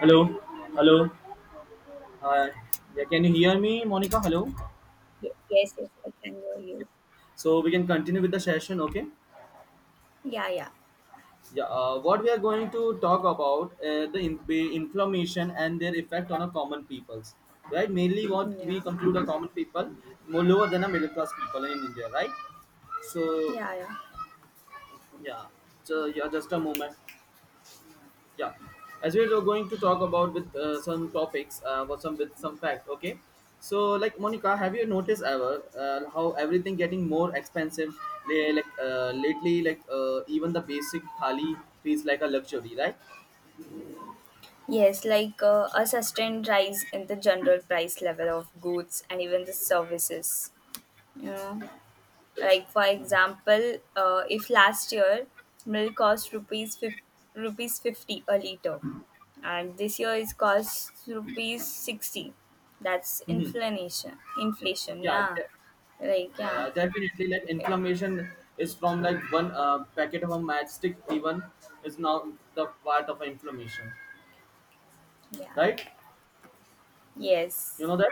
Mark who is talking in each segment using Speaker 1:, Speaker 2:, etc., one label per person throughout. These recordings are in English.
Speaker 1: Hello, hello. Uh, yeah, can you hear me, Monica? Hello.
Speaker 2: Yes, yes, I can hear
Speaker 1: Yeah.
Speaker 2: you.
Speaker 1: So we can continue with the session, okay?
Speaker 2: Yeah, yeah,
Speaker 1: Yeah. What we are going to talk about the be inflammation and their effect on a common peoples, right? Mainly, what we
Speaker 2: yeah,
Speaker 1: conclude a common people more lower than a middle class people in India, right? So
Speaker 2: yeah, yeah.
Speaker 1: yeah. So yeah, just a moment. Yeah, as we are going to talk about with some topics with some fact, okay? So, like Monica, have you noticed ever how everything getting more expensive? They, like lately, like even the basic thali feels like a luxury, right?
Speaker 2: Yes, like a sustained rise in the general price level of goods and even the services. You know, like for example, if last year milk cost rupees rupees 50 a liter, and this year it costs rupees 60. That's
Speaker 1: Mm-hmm.
Speaker 2: inflation. Inflation.
Speaker 1: yeah,
Speaker 2: Yeah,
Speaker 1: de-
Speaker 2: like
Speaker 1: yeah,
Speaker 2: yeah,
Speaker 1: yeah, definitely, like inflammation is from like one packet of a matchstick even is now the part of inflammation, right?
Speaker 2: yeah.
Speaker 1: You
Speaker 2: Yes,
Speaker 1: know that?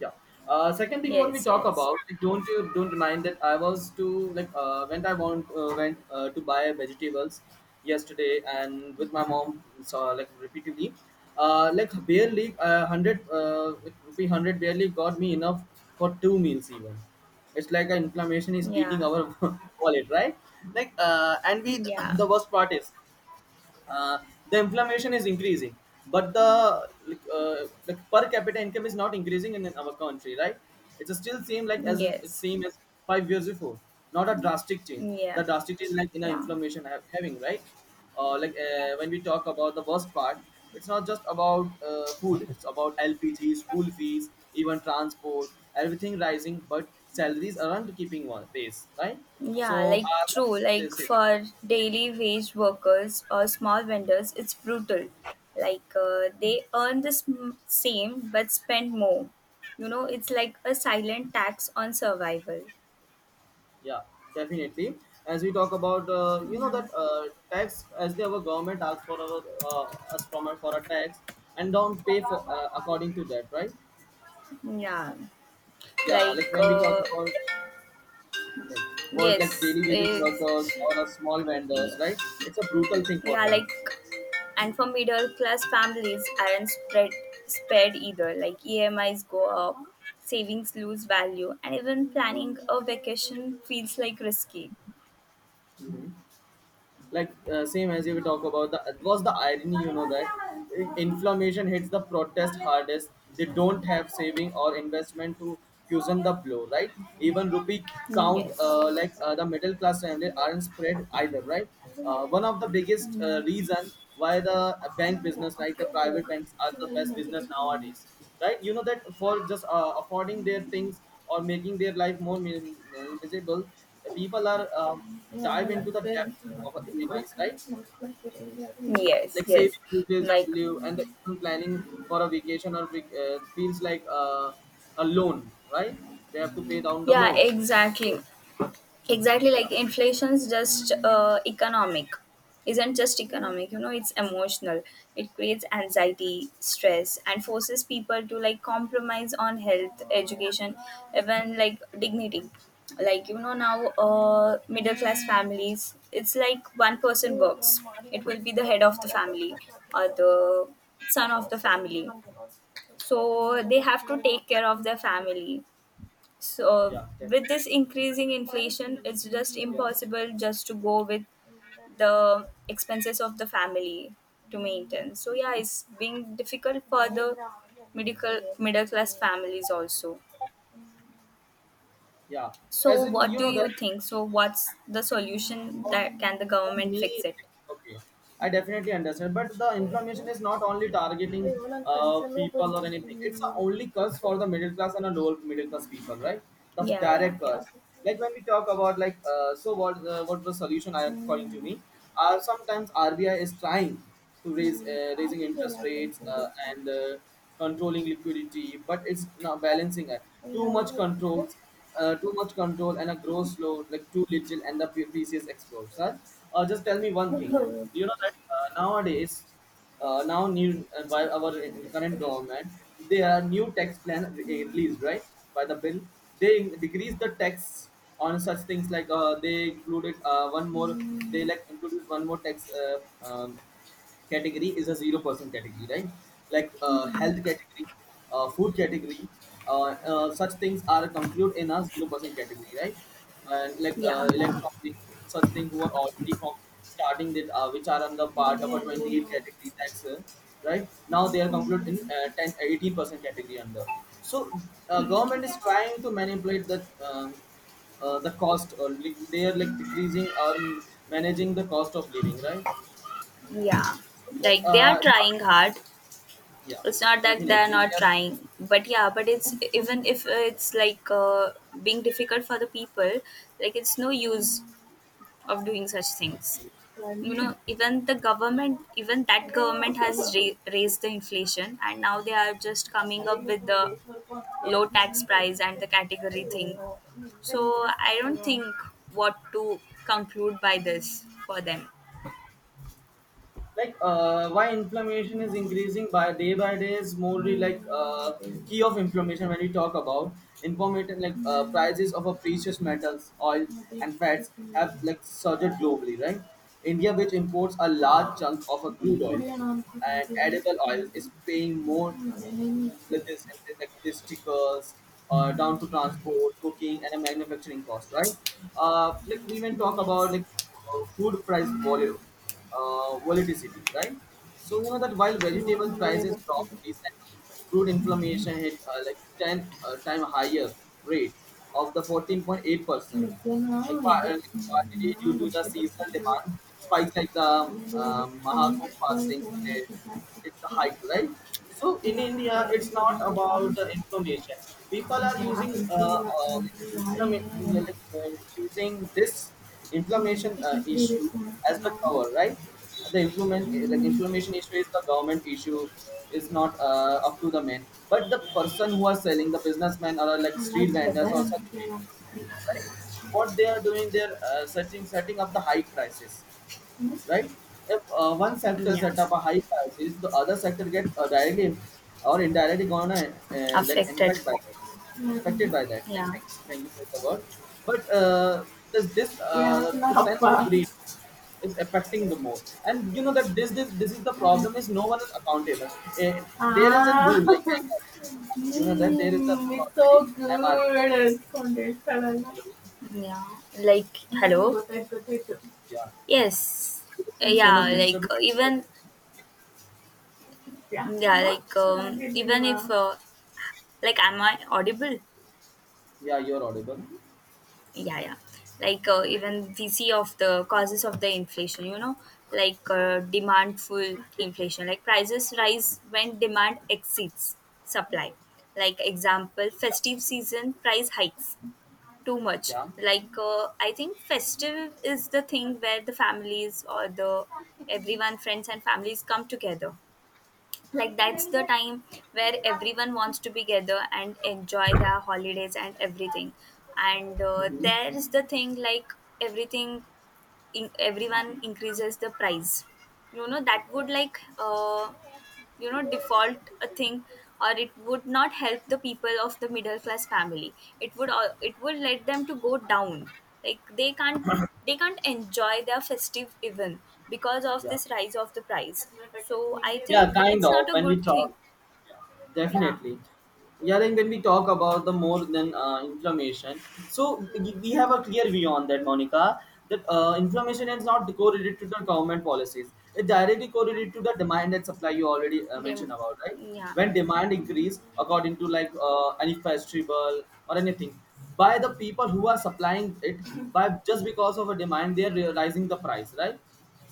Speaker 1: Yeah. Second thing, when we
Speaker 2: yes,
Speaker 1: talk
Speaker 2: yes.
Speaker 1: about, like, don't you don't remind that I was to like, when I want went to buy vegetables yesterday and with my mom, so like repeatedly, like barely 100 like, rupee 100 barely got me enough for two meals even. It's like an inflammation is eating
Speaker 2: Yeah.
Speaker 1: our wallet, right? Like and we
Speaker 2: Yeah,
Speaker 1: the worst part is uh, the inflammation is increasing but the like per capita income is not increasing in our country, right? It's still same like as it's
Speaker 2: yes,
Speaker 1: same as 5 years before. Not a drastic change, the
Speaker 2: yeah,
Speaker 1: drastic change like in our
Speaker 2: yeah,
Speaker 1: inflammation having, right? When we talk about the worst part, it's not just about food, it's about LPG, school fees, even transport, everything rising but salaries aren't keeping one pace, right?
Speaker 2: yeah,
Speaker 1: So
Speaker 2: like
Speaker 1: what
Speaker 2: true.
Speaker 1: do you
Speaker 2: Like
Speaker 1: say?
Speaker 2: for daily wage workers or small vendors, it's brutal. Like they earn the same but spend more. You know, it's like a silent tax on survival.
Speaker 1: Yeah, definitely. As we talk about, you know
Speaker 2: Yeah,
Speaker 1: that tax, as the our government asks for our, us from our, for a tax, and don't pay for according to that, right?
Speaker 2: yeah,
Speaker 1: Yeah,
Speaker 2: like
Speaker 1: like when we talk about, like, for like
Speaker 2: yes,
Speaker 1: daily wages workers
Speaker 2: it's.
Speaker 1: or a small
Speaker 2: Yeah.
Speaker 1: vendors, right? It's a brutal thing for
Speaker 2: Yeah,
Speaker 1: them.
Speaker 2: like, and for middle class families aren't spread spared either. Like EMIs go up, savings lose value, and even planning a vacation feels like risky.
Speaker 1: Like same as if we talk about the it was the irony, you know that inflammation hits the protest hardest. They don't
Speaker 2: Mm.
Speaker 1: have saving or investment to cushion the blow, right? Even rupee count
Speaker 2: Yes.
Speaker 1: the middle class family aren't spread either, right? One of the biggest
Speaker 2: Yeah.
Speaker 1: reason why the bank business, like the private banks, are the best business nowadays, right? You know that for just affording their things or making their life more miserable, people are dive into the depth of a EMIs, right?
Speaker 2: Yes,
Speaker 1: Like
Speaker 2: yes.
Speaker 1: saving uses,
Speaker 2: Like,
Speaker 1: live, and the even planning for a vacation or feels like a loan, right? They have to pay down the
Speaker 2: yeah,
Speaker 1: loans.
Speaker 2: exactly. Exactly,
Speaker 1: Yeah,
Speaker 2: like inflation's just economic isn't just economic, you know, it's emotional. It creates anxiety, stress, and forces people to like compromise on health, education, even like dignity. Like you know, now middle class families, it's like one person works, it will be the head of the family or the son of the family, so they have to take care of their family. So
Speaker 1: yeah, definitely.
Speaker 2: with this increasing inflation, it's just
Speaker 1: Yeah.
Speaker 2: impossible just to go with the expenses of the family to maintain. So yeah,
Speaker 1: Mhm.
Speaker 2: it's being difficult for the medical middle class families also.
Speaker 1: Yeah.
Speaker 2: So
Speaker 1: As in,
Speaker 2: what
Speaker 1: you
Speaker 2: do
Speaker 1: know that.
Speaker 2: you think? So what's the solution that can the
Speaker 1: For
Speaker 2: government
Speaker 1: me,
Speaker 2: fix it?
Speaker 1: okay, I definitely understand but the inflammation is not only targeting people or anything, it's a only curse for the middle class and a lower middle class people, right? The
Speaker 2: Yeah, yeah,
Speaker 1: direct curse. Like when we talk about, like, so what, what was solution, I according to me, sometimes RBI is trying to raise raising interest rates, and controlling liquidity but it's not balancing it, too much
Speaker 2: yeah.
Speaker 1: controls. Too much control and a grows slow, like too little, and the pieces explode. Sir, just tell me one
Speaker 2: Yeah.
Speaker 1: thing.
Speaker 2: Yeah.
Speaker 1: Do you know that nowadays, now new by our current government, there are new tax plan released, right, by the bill? They decrease the tax on such things like, they included one more. They like introduce one more tax. Category is a 0% category, right? Like health category, food category, such things are concluded in a 0% category, right? And like
Speaker 2: Yeah.
Speaker 1: electronics, such things who are already from starting that which are under part of a 28 category tax, right? Now they are concluded in 10 18% category under. So government is trying to manipulate that. The cost or they are like decreasing or managing the cost of living, right?
Speaker 2: Like they are
Speaker 1: uh, not-
Speaker 2: trying hard.
Speaker 1: yeah,
Speaker 2: It's not that they
Speaker 1: definitely,
Speaker 2: are not
Speaker 1: there's
Speaker 2: trying, but yeah, but it's even if it's like being difficult for the people, like it's no use of doing such things, you. Right. Know, even the government, even that government has raised the inflation, and now they are just coming up with the low tax price and the category thing. So I don't think what to conclude by this for them.
Speaker 1: like why inflammation is increasing by day is more the, like key of inflammation when we talk about information, like prices of a precious metals, oils and fats have like surged globally, right? India, which imports a large chunk of a crude oil and edible oils, is paying more, like this, and then like this stickers down to transport, cooking and a manufacturing cost, right? Like we even talk about,
Speaker 2: Yes.
Speaker 1: like food price volume volatility, right? So you know that while vegetable prices dropped recently, fruit inflammation hit like 10 time higher rate of the 14.8 percent,
Speaker 2: McDonough
Speaker 1: like,
Speaker 2: recommendó
Speaker 1: like partly due to the seasonal
Speaker 2: vegetables
Speaker 1: demand spikes, like the
Speaker 2: including
Speaker 1: Mahakumbh
Speaker 2: olive oil
Speaker 1: fasting
Speaker 2: when
Speaker 1: period,
Speaker 2: presented
Speaker 1: it's a
Speaker 2: to
Speaker 1: hike, right? So in
Speaker 2: elected
Speaker 1: India, it's not
Speaker 2: representatives
Speaker 1: about the inflammation. People
Speaker 2: and
Speaker 1: are using
Speaker 2: Secretary
Speaker 1: like,
Speaker 2: Warren,
Speaker 1: like, using this inflammation
Speaker 2: Deputy
Speaker 1: issue as the
Speaker 2: Responsible
Speaker 1: cover, right? The inflammation issue is the government issue, is not up to the men. But the person who are selling, the businessmen or like
Speaker 2: for
Speaker 1: street
Speaker 2: the
Speaker 1: vendors
Speaker 2: weather
Speaker 1: or such
Speaker 2: and
Speaker 1: people,
Speaker 2: climate.
Speaker 1: right? What they are doing, they're searching, setting up the high prices, right? If one sector
Speaker 2: Yeah,
Speaker 1: set up a high prices, the other sector get directly or indirectly gonna like
Speaker 2: affected.
Speaker 1: infect by that, right? Affected
Speaker 2: Change.
Speaker 1: by that. Like,
Speaker 2: Yeah.
Speaker 1: thanks, thank you for the word. But this this
Speaker 2: Yeah,
Speaker 1: the
Speaker 2: not
Speaker 1: sense of
Speaker 2: far.
Speaker 1: greed is affecting the more, and you know that this is the problem. Is no one is accountable. Eh, there is a
Speaker 2: Ah.
Speaker 1: rule, like you know that there is the
Speaker 2: Mm,
Speaker 1: rule
Speaker 2: it's
Speaker 1: already.
Speaker 2: so
Speaker 1: MRP.
Speaker 2: good. I found it. Yeah, like hello. Potato, potato.
Speaker 1: Yeah.
Speaker 2: Yes.
Speaker 1: There's been so much
Speaker 2: Yeah. Mm, like
Speaker 1: disturbance.
Speaker 2: even yeah. Yeah, like even if. Yeah. Like am I audible?
Speaker 1: Yeah, you're audible.
Speaker 2: Yeah, yeah. Like even we see of the causes of the inflation, you know, like demandful inflation, like prices rise when demand exceeds supply. Like example,
Speaker 1: Yeah,
Speaker 2: festive season price hikes too much.
Speaker 1: yeah,
Speaker 2: Like I think festive is the thing where the families or the everyone, friends and families, come together. Like that's the time where everyone wants to be together and enjoy their holidays and everything. And
Speaker 1: hmm,
Speaker 2: there is the thing like everything in, everyone increases the price, you know. That would like you know, default a thing, or it would not help the people of the middle class family. It would it would let them to go down, like they can't, they can't enjoy their festive even because of
Speaker 1: yeah,
Speaker 2: this rise of the price. So I
Speaker 1: yeah.
Speaker 2: think
Speaker 1: Kind
Speaker 2: it's
Speaker 1: of
Speaker 2: not a
Speaker 1: when we
Speaker 2: good
Speaker 1: talk.
Speaker 2: thing. Yeah,
Speaker 1: Definitely. Yeah, then when we talk about the more than inflammation, so we have a clear view on that, Monica, that inflammation is not correlated to the government policies. It directly
Speaker 2: yeah,
Speaker 1: correlated to the demand and supply you already
Speaker 2: they,
Speaker 1: mentioned about, right?
Speaker 2: yeah,
Speaker 1: When demand increase according to like any festival or anything, by the people who are supplying it, by just because of a demand, they are realizing the price, right?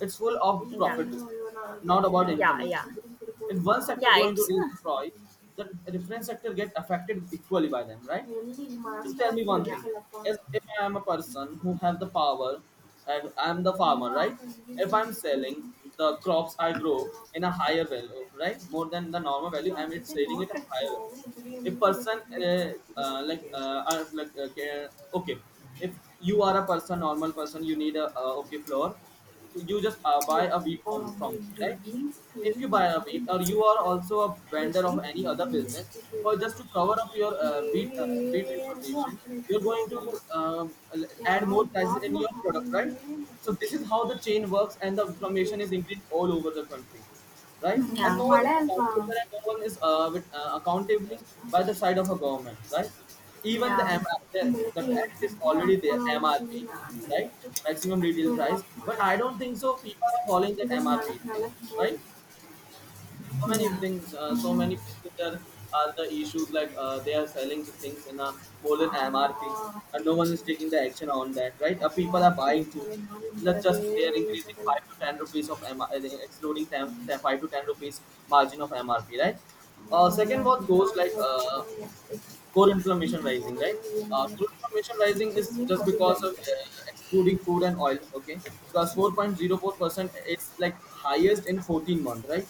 Speaker 1: It's full of
Speaker 2: yeah,
Speaker 1: profit. Discount not about
Speaker 2: yeah, yeah,
Speaker 1: information. If one sector
Speaker 2: yeah,
Speaker 1: going to
Speaker 2: it's
Speaker 1: raise
Speaker 2: not.
Speaker 1: the price, the reference sector get affected equally by them, right?
Speaker 2: Nell'origine di
Speaker 1: Just
Speaker 2: Mark
Speaker 1: tell
Speaker 2: la
Speaker 1: me one
Speaker 2: furia
Speaker 1: thing.
Speaker 2: che la fa.
Speaker 1: If I am a person who have the power and I'm the farmer, right?
Speaker 2: Ignorante di
Speaker 1: If I'm
Speaker 2: Disney.
Speaker 1: selling the crops I grow in a higher value, right? More than the normal value,
Speaker 2: Non
Speaker 1: I'm
Speaker 2: so
Speaker 1: it's
Speaker 2: se no,
Speaker 1: selling it
Speaker 2: perché non
Speaker 1: a
Speaker 2: per
Speaker 1: higher value.
Speaker 2: come dovremmo
Speaker 1: If
Speaker 2: morire
Speaker 1: person
Speaker 2: per le troppo di una
Speaker 1: like
Speaker 2: piacere.
Speaker 1: are like okay, okay, if you are a person, normal person, you need a okay floor, you just
Speaker 2: Io
Speaker 1: buy a wheat
Speaker 2: ho la
Speaker 1: from me,
Speaker 2: mole di
Speaker 1: right? If
Speaker 2: Disney,
Speaker 1: you
Speaker 2: ma
Speaker 1: buy a
Speaker 2: non
Speaker 1: wheat
Speaker 2: mi
Speaker 1: or you are
Speaker 2: sento
Speaker 1: also a
Speaker 2: da
Speaker 1: vendor of
Speaker 2: qui,
Speaker 1: any other
Speaker 2: non
Speaker 1: business
Speaker 2: decido.
Speaker 1: for just to cover up your wheat wheat
Speaker 2: E non
Speaker 1: information, you're going
Speaker 2: credo
Speaker 1: to
Speaker 2: che la
Speaker 1: um, add
Speaker 2: ಯಾವ
Speaker 1: more prices in
Speaker 2: ವಾಗ್ಲೂ
Speaker 1: your product,
Speaker 2: ಹಾಗಲ್ಲೇ
Speaker 1: right?
Speaker 2: Hmm,
Speaker 1: So this is how the chain works and the information is increased all over the country, right? And
Speaker 2: yeah-
Speaker 1: no one is
Speaker 2: ಮಳೆ
Speaker 1: accountable, and no one is accountabling
Speaker 2: ಅಲ್ವಾ.
Speaker 1: by the side of a government, right? Even
Speaker 2: Ya,
Speaker 1: the MR, the
Speaker 2: berarti ya
Speaker 1: act is
Speaker 2: sebenarnya
Speaker 1: already there,
Speaker 2: kalau orang
Speaker 1: MRP,
Speaker 2: penggunaan
Speaker 1: right?
Speaker 2: itu
Speaker 1: Maximum retail
Speaker 2: böyle
Speaker 1: price, but
Speaker 2: bakmalar,
Speaker 1: I don't think so. People are following that
Speaker 2: durum ngalah
Speaker 1: MRP thing,
Speaker 2: ngalah mulu.
Speaker 1: right? So many
Speaker 2: Iya.
Speaker 1: things, so
Speaker 2: Hmm,
Speaker 1: many places there are the issues, like they are selling the things in a more than MRP,
Speaker 2: oh,
Speaker 1: and no
Speaker 2: akhirnya
Speaker 1: one is taking the action on that, right?
Speaker 2: aku
Speaker 1: People are
Speaker 2: waktu
Speaker 1: buying too.
Speaker 2: kalian malam
Speaker 1: Not
Speaker 2: berada
Speaker 1: just they are
Speaker 2: di
Speaker 1: increasing
Speaker 2: sana.
Speaker 1: 5 to 10 rupees of they are excluding 10,
Speaker 2: Hmm,
Speaker 1: 10 5 to 10 rupees margin of MRP, right? Second, what goes, like
Speaker 2: Allah kamu ya. Itu.
Speaker 1: core inflammation
Speaker 2: Ini
Speaker 1: rising,
Speaker 2: orang
Speaker 1: right?
Speaker 2: yang
Speaker 1: Core inflammation
Speaker 2: itu
Speaker 1: rising is
Speaker 2: yang
Speaker 1: just
Speaker 2: mau
Speaker 1: because
Speaker 2: dibagi.
Speaker 1: of excluding food and oil, okay? 4.04%, it's like highest in 14-month, right?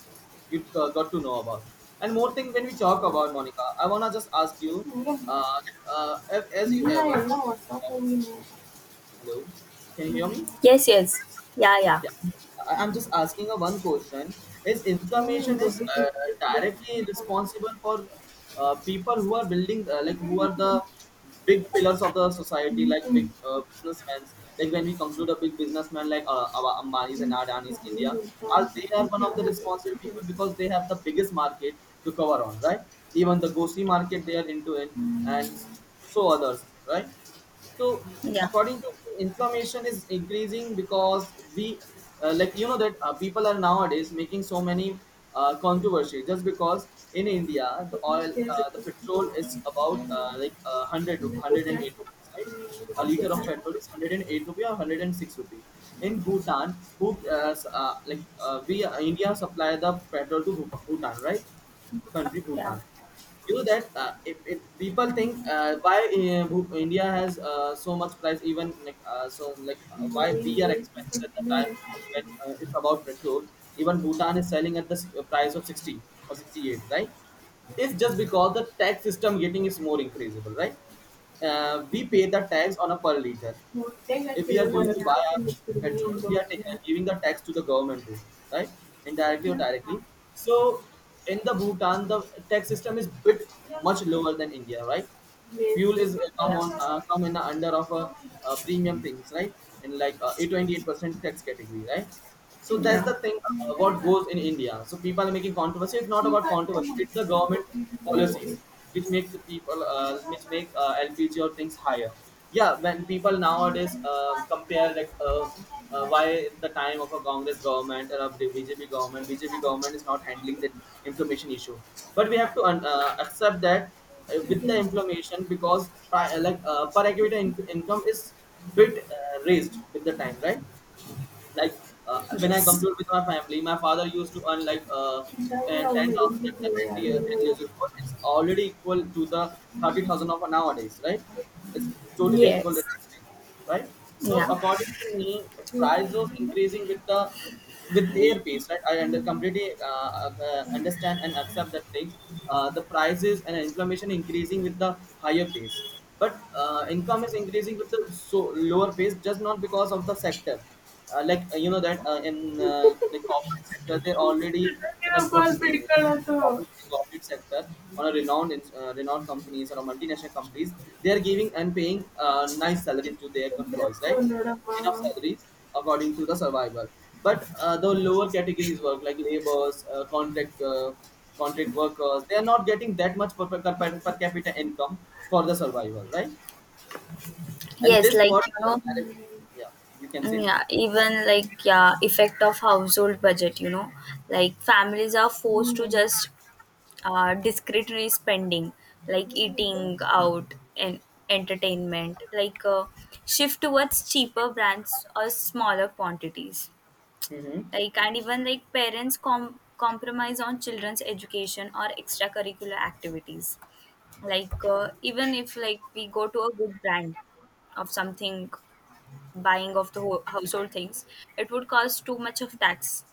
Speaker 1: You got to know about. And more thing when we talk about, Monica, I wanna just ask you,
Speaker 2: Mungkin
Speaker 1: uh, uh, as you ever
Speaker 2: mulai lah
Speaker 1: noticed
Speaker 2: waktu aku
Speaker 1: about,
Speaker 2: ini.
Speaker 1: hello, can you hear me?
Speaker 2: Yes, yes. Ya, ya.
Speaker 1: Yeah, I'm
Speaker 2: Hmm.
Speaker 1: just asking a one question. Is
Speaker 2: Mm,
Speaker 1: inflammation
Speaker 2: the
Speaker 1: is
Speaker 2: British replaced
Speaker 1: directly responsible for people who are building, like who are the big pillars of the society, like big businessmen. Like when we conclude a big businessman like our Ambanis and Adanis, India, are they are one of the
Speaker 2: the.
Speaker 1: responsible people because they have the biggest market to cover on, right? Even the Gosi market they are into in, and so others, right? So
Speaker 2: Yeah.
Speaker 1: according to me, inflammation is increasing because we like you know that people are nowadays making so many controversy just because in india the oil, the petrol is about 100 108 rupees, right? A liter of petrol is 108 rupees or 106 rupees. In bhutan, who s- like we india supply the petrol to bhutan, right? Contributor. You know that if people think India has so much price, even why we are expensive at the time when it's about petrol. Even Bhutan is selling at the price of 60 or 68, right? It's just because the tax system getting is more increasable, right? We pay the tax on a per liter. If we are going to buy our petrol, we are giving the tax to the government too, right? Indirectly or
Speaker 2: Yeah.
Speaker 1: directly. So in the Bhutan, the tax system is bit much lower than India, right? Fuel
Speaker 2: Messi.
Speaker 1: is
Speaker 2: Yeah.
Speaker 1: come in the under of a, premium things, right? In like a 28% tax category, right? So that's
Speaker 2: Yeah.
Speaker 1: the thing
Speaker 2: Mm.
Speaker 1: what goes in India. So people are making controversy. It's not
Speaker 2: Sì.
Speaker 1: about controversy. It's the government policies which make the people which make LPG or things higher. Yeah, when people nowadays compare why the time of a congress government or a bjp government is not handling that inflammation issue. But we have to accept that with the
Speaker 2: Yes.
Speaker 1: inflammation because per capita income is bit raised with the time, right? Like when I
Speaker 2: Yes.
Speaker 1: compute with my family, my father used to earn 10,000 years ago. It's already equal to the 30,000 of nowadays, right? It's totally equal, right? So
Speaker 2: Yeah.
Speaker 1: according to me, price was increasing with the with their pace, right? Completely understand and accept that thing. The prices and inflammation increasing with the higher pace, but income is increasing with the so lower pace, just not because of the sector you know that in the corporate sector they're already in a good corporate sector on a renowned renowned companies or a multinational companies. They are giving and paying nice salaries to their employees, right? Enough salaries, according to the survival. But the lower categories work like laborers, contract workers. They are not getting that much per capita income for the survival, right? And
Speaker 2: Yes,
Speaker 1: this what
Speaker 2: like you know,
Speaker 1: uh, yeah, you can
Speaker 2: mm,
Speaker 1: say.
Speaker 2: yeah, even like yeah, effect of household budget, you know, like families are forced to just discretionary spending, like eating out and entertainment, like shift towards cheaper brands or smaller quantities.
Speaker 1: Hmm.
Speaker 2: Like, and even like parents compromise on children's education or extracurricular activities. Like even if like we go to a good brand of something, buying of the household things, it would cause too much of tax.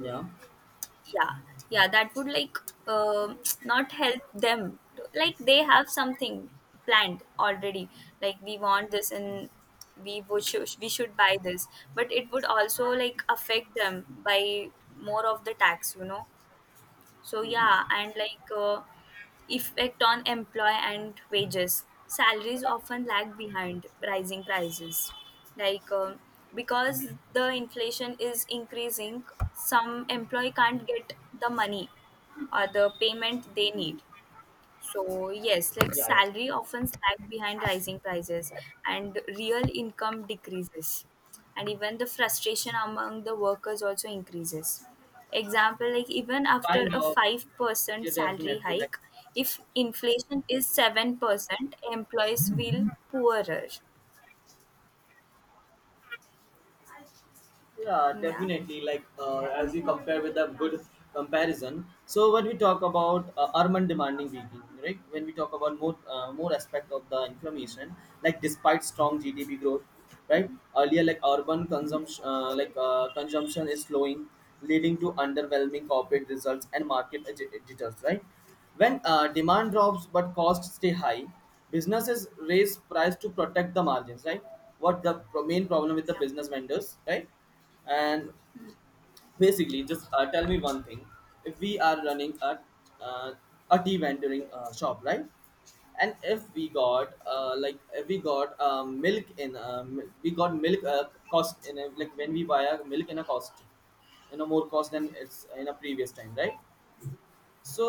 Speaker 1: Yeah.
Speaker 2: Yeah, yeah, that would like um not help them to, like they have something planned already, like we want this and we would should, we should buy this but it would also like affect them by more of the tax, you know. So yeah, and like effect on employ and wages. Salaries often lag behind rising prices, like because the inflation is increasing. Some employee can't get the money or the payment they need. So yes,
Speaker 1: Yeah,
Speaker 2: like
Speaker 1: yeah.
Speaker 2: salary often lag behind rising prices and real income decreases. And even the frustration among the workers also increases. Example, like even after
Speaker 1: Kind
Speaker 2: a
Speaker 1: of.
Speaker 2: 5%
Speaker 1: Yeah,
Speaker 2: salary
Speaker 1: definitely. Like,
Speaker 2: hike, if inflation is 7%, employees will poorer.
Speaker 1: yeah,
Speaker 2: Yeah.
Speaker 1: definitely. Like as you compare with a good comparison. So when we talk about urban demanding beating, right? When we talk about more aspect of the information, like despite strong GDP growth, right? Earlier, like urban consumption, consumption is slowing, leading to underwhelming corporate results and market ag- jitters, right? When demand drops but costs stay high, businesses raise price to protect the margins, right? What the pro- main problem with the
Speaker 2: Yeah.
Speaker 1: business vendors, right? And basically just tell me one thing. If we are running uh, a tea vendoring shop, right? And if we got like if we got milk in we got milk cost in a, like when we buy a milk in a cost in a more cost than it's in a previous time, right? So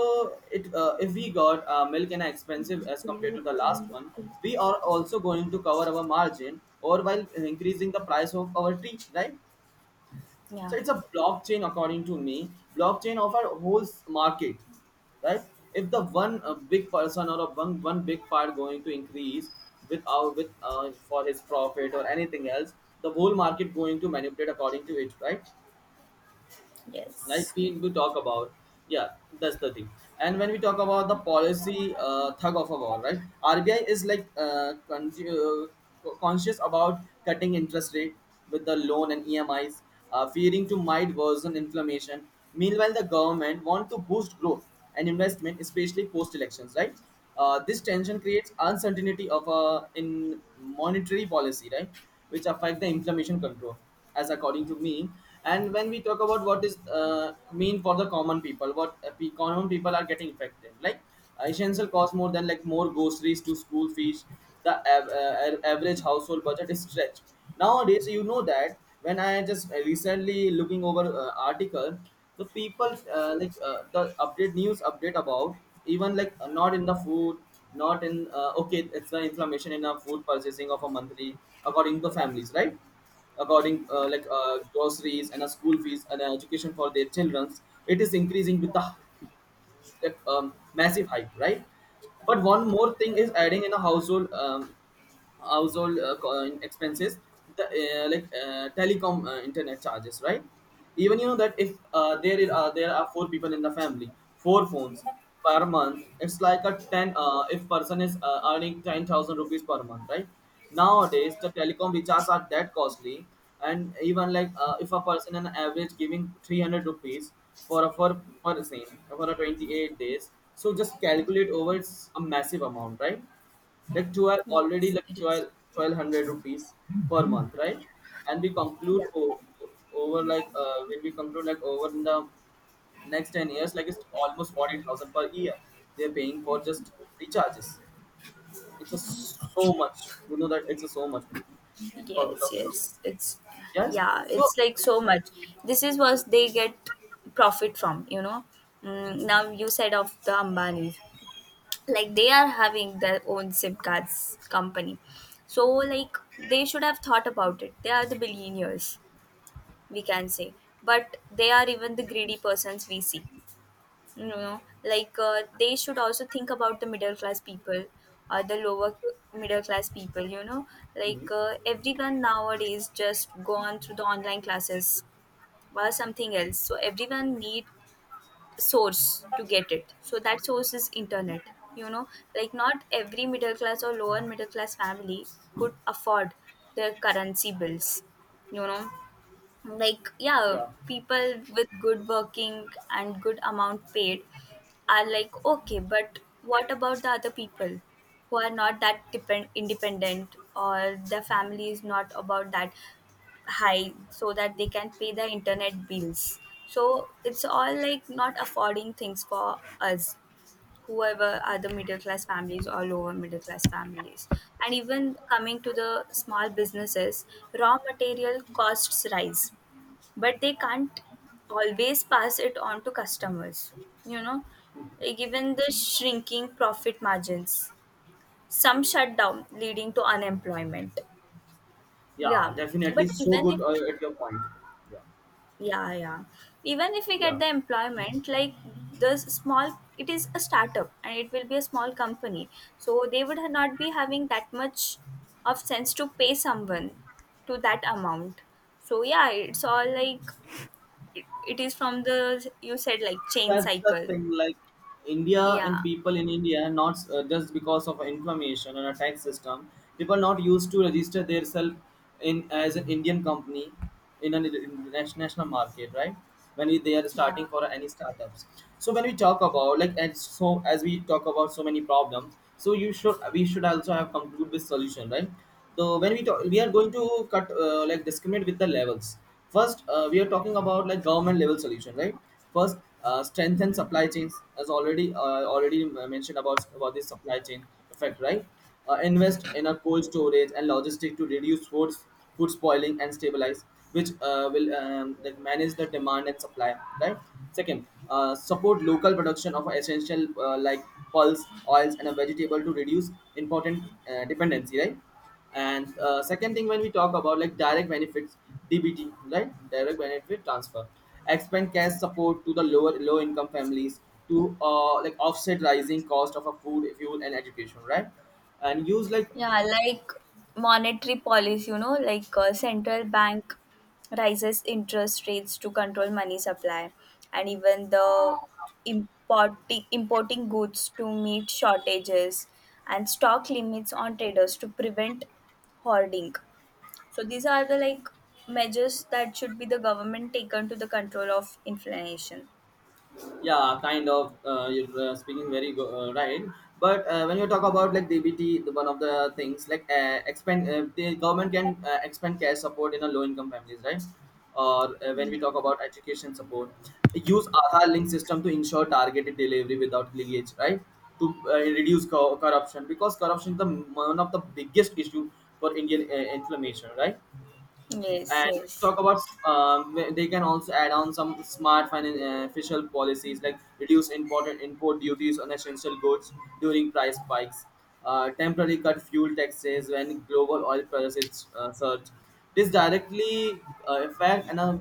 Speaker 1: it if we got milk in a expensive as compared to the last one, we are also going to cover our margin or while increasing the price of our tea, right? So
Speaker 2: Yeah.
Speaker 1: it's a blockchain, according to me, blockchain of our whole s- market, right? If the one big person or a one, one big part going to increase with our with for his profit or anything else, the whole market going to manipulate according to it, right? Like
Speaker 2: Yes.
Speaker 1: we do talk about, yeah, that's the thing. And when we talk about the policy thug of a war, right, rbi is like conscious about cutting interest rate with the loan and emis fearing to might worsen inflammation. Meanwhile the government want to boost growth and investment, especially post elections, right? This tension creates uncertainty of in monetary policy, right, which affect the inflammation control, as according to me. And when we talk about what is mean for the common people, what common people are getting affected, like essential cost more than like more groceries to school fees, the average household budget is stretched nowadays. You know that when I just recently looking over article, the people the update news update about even not in the food, not in okay, it's the inflammation in a food purchasing of a monthly according to families, right? According groceries and a school fees and education for their childrens, it is increasing with the like, massive hype, right? But one more thing is adding in a household household expenses, the, telecom internet charges, right? Even you know that if there is, there are four people in the family, four phones per month. It's like a 10 if person is earning 10,000 rupees per month, right? Nowadays the telecom recharges are that costly. And even like if a person an average giving 300 rupees for a for for the same for a 28 days, so just calculate over, it's a massive amount, right? Like 12 already,
Speaker 2: Yes,
Speaker 1: like
Speaker 2: it is.
Speaker 1: 12 1200 rupees per month, right? And we
Speaker 2: Yeah.
Speaker 1: conclude o- over like when we conclude like over in the next 10 years, like it's almost 40,000 per year they're paying for just recharges. It's a so much, you know that it's a so much, it's called
Speaker 2: Yes,
Speaker 1: talking of-
Speaker 2: yes. It's
Speaker 1: yes,
Speaker 2: yeah,
Speaker 1: so.
Speaker 2: it's like so much. This is what they get profit from, you know. Mm, now you said of the Ambanis. Like they are having their own SIM cards company. So like they should have thought about it. They are the billionaires, we can say. But they are even the greedy persons, we see. You know, like they should also think about the middle class people or the lower middle class people, you know.
Speaker 1: Mhm.
Speaker 2: Like everyone nowadays just gone through the online classes or something else, so everyone need source to get it, so that source is internet, you know. Like not every middle class or lower middle class family could afford their currency bills, you know. Like yeah,
Speaker 1: Yeah,
Speaker 2: people with good working and good amount paid are like okay, but what about the other people who are not that depend, independent, or their family is not about that high so that they can pay the internet bills. So it's all like not affording things for us, whoever are the middle class families or lower middle class families. And even coming to the small businesses, raw material costs rise, but they can't always pass it on to customers, you know, given the shrinking profit margins. Some shut down leading to unemployment.
Speaker 1: yeah,
Speaker 2: Yeah,
Speaker 1: definitely,
Speaker 2: but
Speaker 1: so
Speaker 2: even
Speaker 1: good
Speaker 2: if,
Speaker 1: at your point.
Speaker 2: yeah, yeah, even if we
Speaker 1: Yeah,
Speaker 2: get
Speaker 1: yeah,
Speaker 2: the employment, like the small, it is a startup and it will be a small company, so they would not be having that much of sense to pay someone to that amount. So yeah, it's all like it is from the, you said like chain
Speaker 1: that's the
Speaker 2: cycle.
Speaker 1: thing, like india and
Speaker 2: Yeah,
Speaker 1: people in india not just because of information and a tax system, people not used to register themselves in as an indian company in an international market, right? When they are
Speaker 2: yeah,
Speaker 1: starting for any startups, so when we talk about like and so as we talk about so many problems, so you should we should also have conclude with solution, right? So when we talk, we are going to cut like discriminate with the levels. First, we are talking about like government level solution, right? First, strengthen supply chains, as already mentioned about this supply chain effect, right? Invest in a cold storage and logistic to reduce food spoiling and stabilize, which will like manage the demand and supply, right? Second, support local production of essential pulse oils and a vegetable to reduce important dependency, right? And second thing when we talk about like direct benefits, dbt, right, direct benefit transfer, expand cash support to the lower low income families to like offset rising cost of a food fuel and education, right? And use like,
Speaker 2: yeah. Like monetary policy, you know, like central bank rises interest rates to control money supply, and even the importing goods to meet shortages, and stock limits on traders to prevent hoarding. So these are the like measures that should be the government taken to the control of inflation.
Speaker 1: yeah, kind of you're speaking very right. But when you talk about like dbt, one of the things like expand the government can expand cash support in a low income families, right? Or when we
Speaker 2: Yeah.
Speaker 1: talk about education support, use aadhaar link system to ensure targeted delivery without linkage, right, to corruption, because corruption is the one of the biggest issue for indian inflammation, right?
Speaker 2: Yes,
Speaker 1: And
Speaker 2: yes.
Speaker 1: talk about they can also add on some smart financial policies like reduce import duties on essential goods during price spikes. Uh, temporarily cut fuel taxes when global oil prices surge, this directly affect and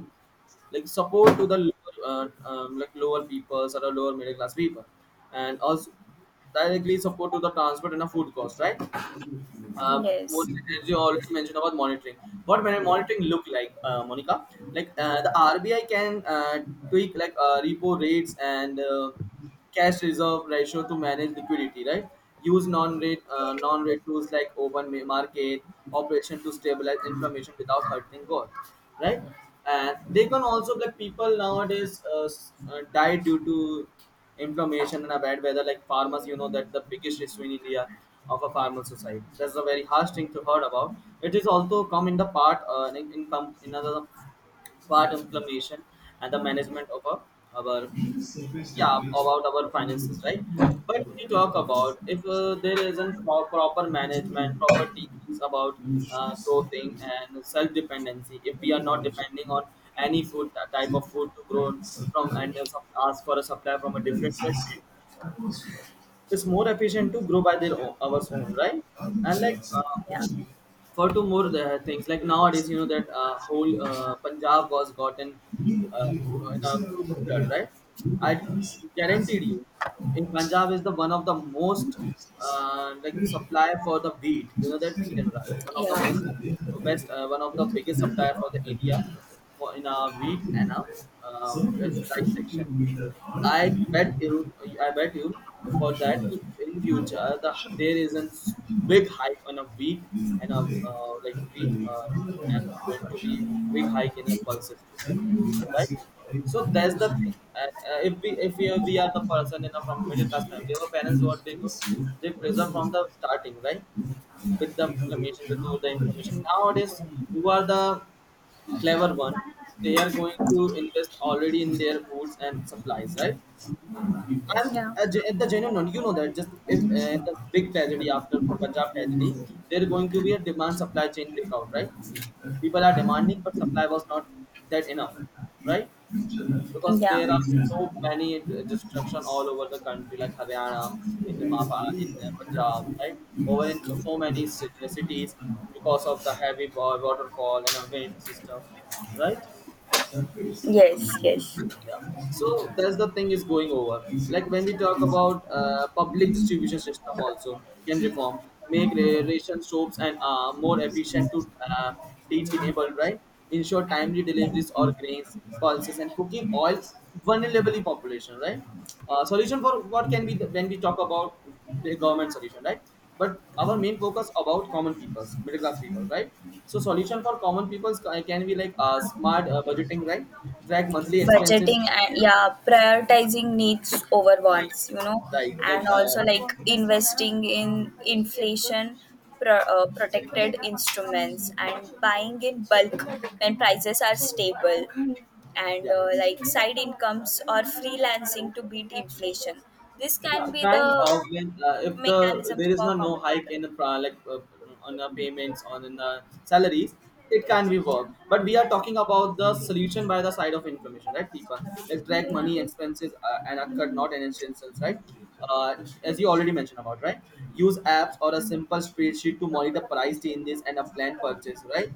Speaker 1: like support to the like lower peoples or the lower middle class people, and also directly support to the transport and the food cost, right? Uh,
Speaker 2: Yes.
Speaker 1: most, as you already mentioned about monitoring. What monitoring look like, Monica? Like the RBI can tweak like repo rates and cash reserve ratio to manage liquidity, right? Use non-rate tools like open ma- market operation to stabilize inflammation without hurting growth, right? And they can also, like, people nowadays die due to inflammation and a bad weather, like farmers. You know that the biggest issue in India of a farmer society, that's a very harsh thing to heard about. It is also come in the part in another part inflammation and the management of a, our, yeah, about our finances, right? But when you talk about, if there isn't proper management, proper teachings about clothing and self-dependency, if we are not depending on any food type of food to grow from, and ask for a supply from a different country, it's more efficient to grow by their own, ours own, right? And like for two more things, like nowadays you know that whole Punjab was gotten uh, in a flood, right? I guaranteed you, in Punjab is the one of the most like
Speaker 2: Yeah.
Speaker 1: supply for the wheat. You know that wheat and rice, one of the most
Speaker 2: Yeah.
Speaker 1: best one of the biggest supplier for the India, for in a wheat and a uh, rice section. I bet you, I bet you, for that in future, there is a big hike on a wheat and a like wheat and going to be big hike in a pulses too, right? So that's the thing. And if we are the person in a from middle class family, our parents, what they do, they preserve from the starting, right? With the information, with all the information. Nowadays, you are the clever one. They are going to invest already in their foods and supplies, right? And
Speaker 2: Yeah.
Speaker 1: at the genuine one, you know that just if the big tragedy after Punjab tragedy, there going to be a demand supply chain breakout, right? People are demanding, but supply was not that enough, right? Because there are so many destruction all over the country, like Haryana, in the Mapa, in Punjab, right? Over in so many cities because of the heavy waterfall and a wind system, right?
Speaker 2: Yeah. Yes.
Speaker 1: Yeah, so that's the thing is going over. Like when we talk about public distribution system also, can reform, make ration shops and more efficient to uh, teach enable, right? Ensure timely deliveries or grains, pulses and cooking oil, vulnerable population, right? Solution for what can be the, when we talk about the government solution, right? But our main focus about common peoples, middle class peoples, right? So solution for common peoples can be like smart
Speaker 2: Yes.
Speaker 1: budgeting, right? Track monthly expenses,
Speaker 2: Budgeting and yeah, prioritizing needs over wants, you know.
Speaker 1: right? Like
Speaker 2: And also like investing in inflation protected instruments and buying in bulk when prices are stable, and
Speaker 1: yeah.
Speaker 2: like side incomes or freelancing to beat inflation. This
Speaker 1: Yeah,
Speaker 2: can be
Speaker 1: kind
Speaker 2: the
Speaker 1: of. When if there
Speaker 2: mechanisms
Speaker 1: is
Speaker 2: for
Speaker 1: no
Speaker 2: common
Speaker 1: hike in the like on the payments on in the salaries, it can be work. But we are talking about the
Speaker 2: people.
Speaker 1: solution by the side of information,
Speaker 2: No.
Speaker 1: right? People
Speaker 2: Yeah.
Speaker 1: like track
Speaker 2: Yeah.
Speaker 1: money
Speaker 2: Yeah.
Speaker 1: expenses
Speaker 2: Yeah.
Speaker 1: and are cut not an essentials, right? Uh, as you already mentioned about, right? Use apps or a simple spreadsheet to monitor price changes and a planned purchase, right?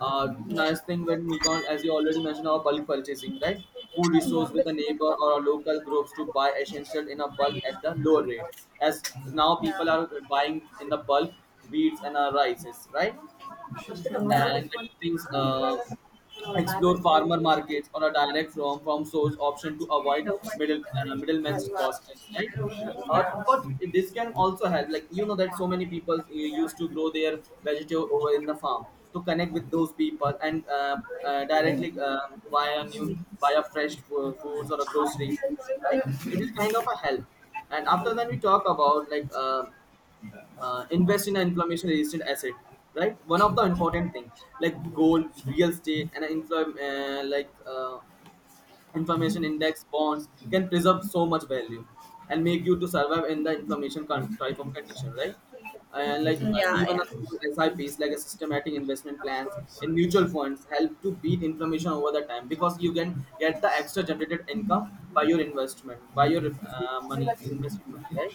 Speaker 1: Nice thing when we call, as you already mentioned, our bulk purchasing, right? Who resource with a neighbor or a local groups to buy essential in a bulk at the lower rate. As now people are buying in the bulk wheats and rices, right? And things. Explore farmer markets or a direct from source option to avoid middle middleman's costs, right? But this can also help, like you know that so many people used to grow their vegetable over in the farm, to connect with those people and directly buy a new, buy a fresh foods or a groceries, right? It is kind of a help. And after then we talk about like. Invest in an inflammation resistant asset, right? One of the important thing, like gold, real estate and like information index bonds, can preserve so much value and make you to survive in the inflammation type of condition, right? And like even a small sips like a systematic investment plans in mutual funds help to beat inflammation over the time, because you can get the extra generated income by your investment, by your money investment money, right?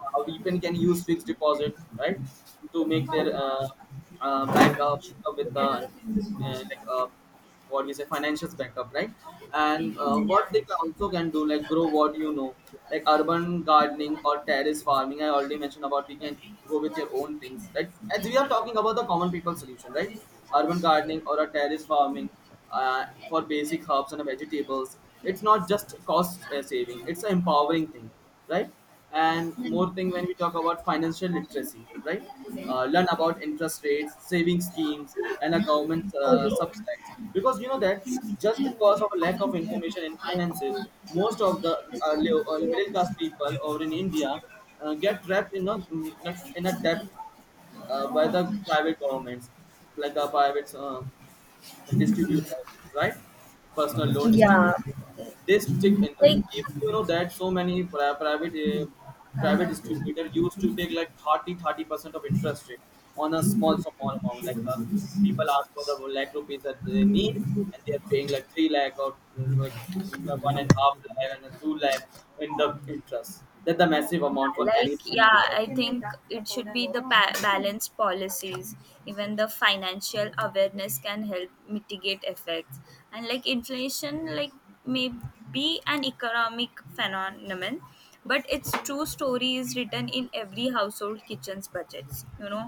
Speaker 1: We can use fixed deposit, right? To make their back of with the like what you say, financials backup, right? And what they can also can do, like grow what you know, like urban gardening or terrace farming, I already mentioned about, we can go with your own things, right? As we are talking about the common people solution, right? Urban gardening or a terrace farming for basic herbs and vegetables, it's not just cost saving, it's an empowering thing, right? And more thing, when we talk about financial literacy, right? Learn about interest rates, saving schemes and a government subsidies, because you know that just because of a lack of information in finances, most of the middle class people over in India get trapped in a in a debt by the private governments, like a private distributors, right? Personal
Speaker 2: Yeah.
Speaker 1: loan distributors.
Speaker 2: Yeah.
Speaker 1: They stick in the.
Speaker 2: Like
Speaker 1: If you know that so many private private distributor used to take like thirty percent of interest rate on a
Speaker 2: Júlia
Speaker 1: small
Speaker 2: Antônio
Speaker 1: amount. Like
Speaker 2: Chaves dos
Speaker 1: people
Speaker 2: Índios.
Speaker 1: ask for the 1 lakh rupees that they need, and they are paying like 3 lakh or like 1.5 lakh and a 2 lakh in the interest. That's a massive amount for
Speaker 2: Like
Speaker 1: any
Speaker 2: yeah,
Speaker 1: people.
Speaker 2: I think it should be the balanced policies. Even the financial awareness can help mitigate effects. And like inflation like may be an economic phenomenon, but its true story is written in every household kitchen's budgets, you know.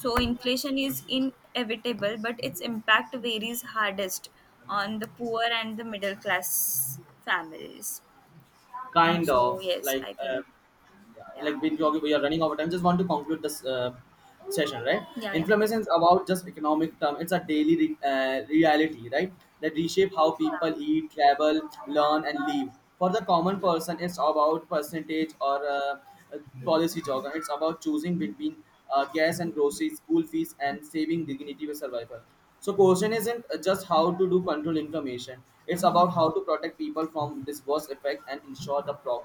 Speaker 2: So inflation is inevitable, but its impact varies hardest on the poor and the middle class families.
Speaker 1: Kind
Speaker 2: So
Speaker 1: of
Speaker 2: yes,
Speaker 1: like.
Speaker 2: I think, yeah.
Speaker 1: Like we, we are running over time, just want to conclude this session, right?
Speaker 2: 呀呀，
Speaker 1: Inflammation is about just economic term, it's a daily reality, right? That reshape how people eat, travel, learn and live. For the common person, it's about percentage or uh, policy jargon. It's about choosing between gas and groceries, school fees and saving dignity with survival. So question isn't just how to do control inflammation, it's about how to protect people from this worst effect and ensure the progress.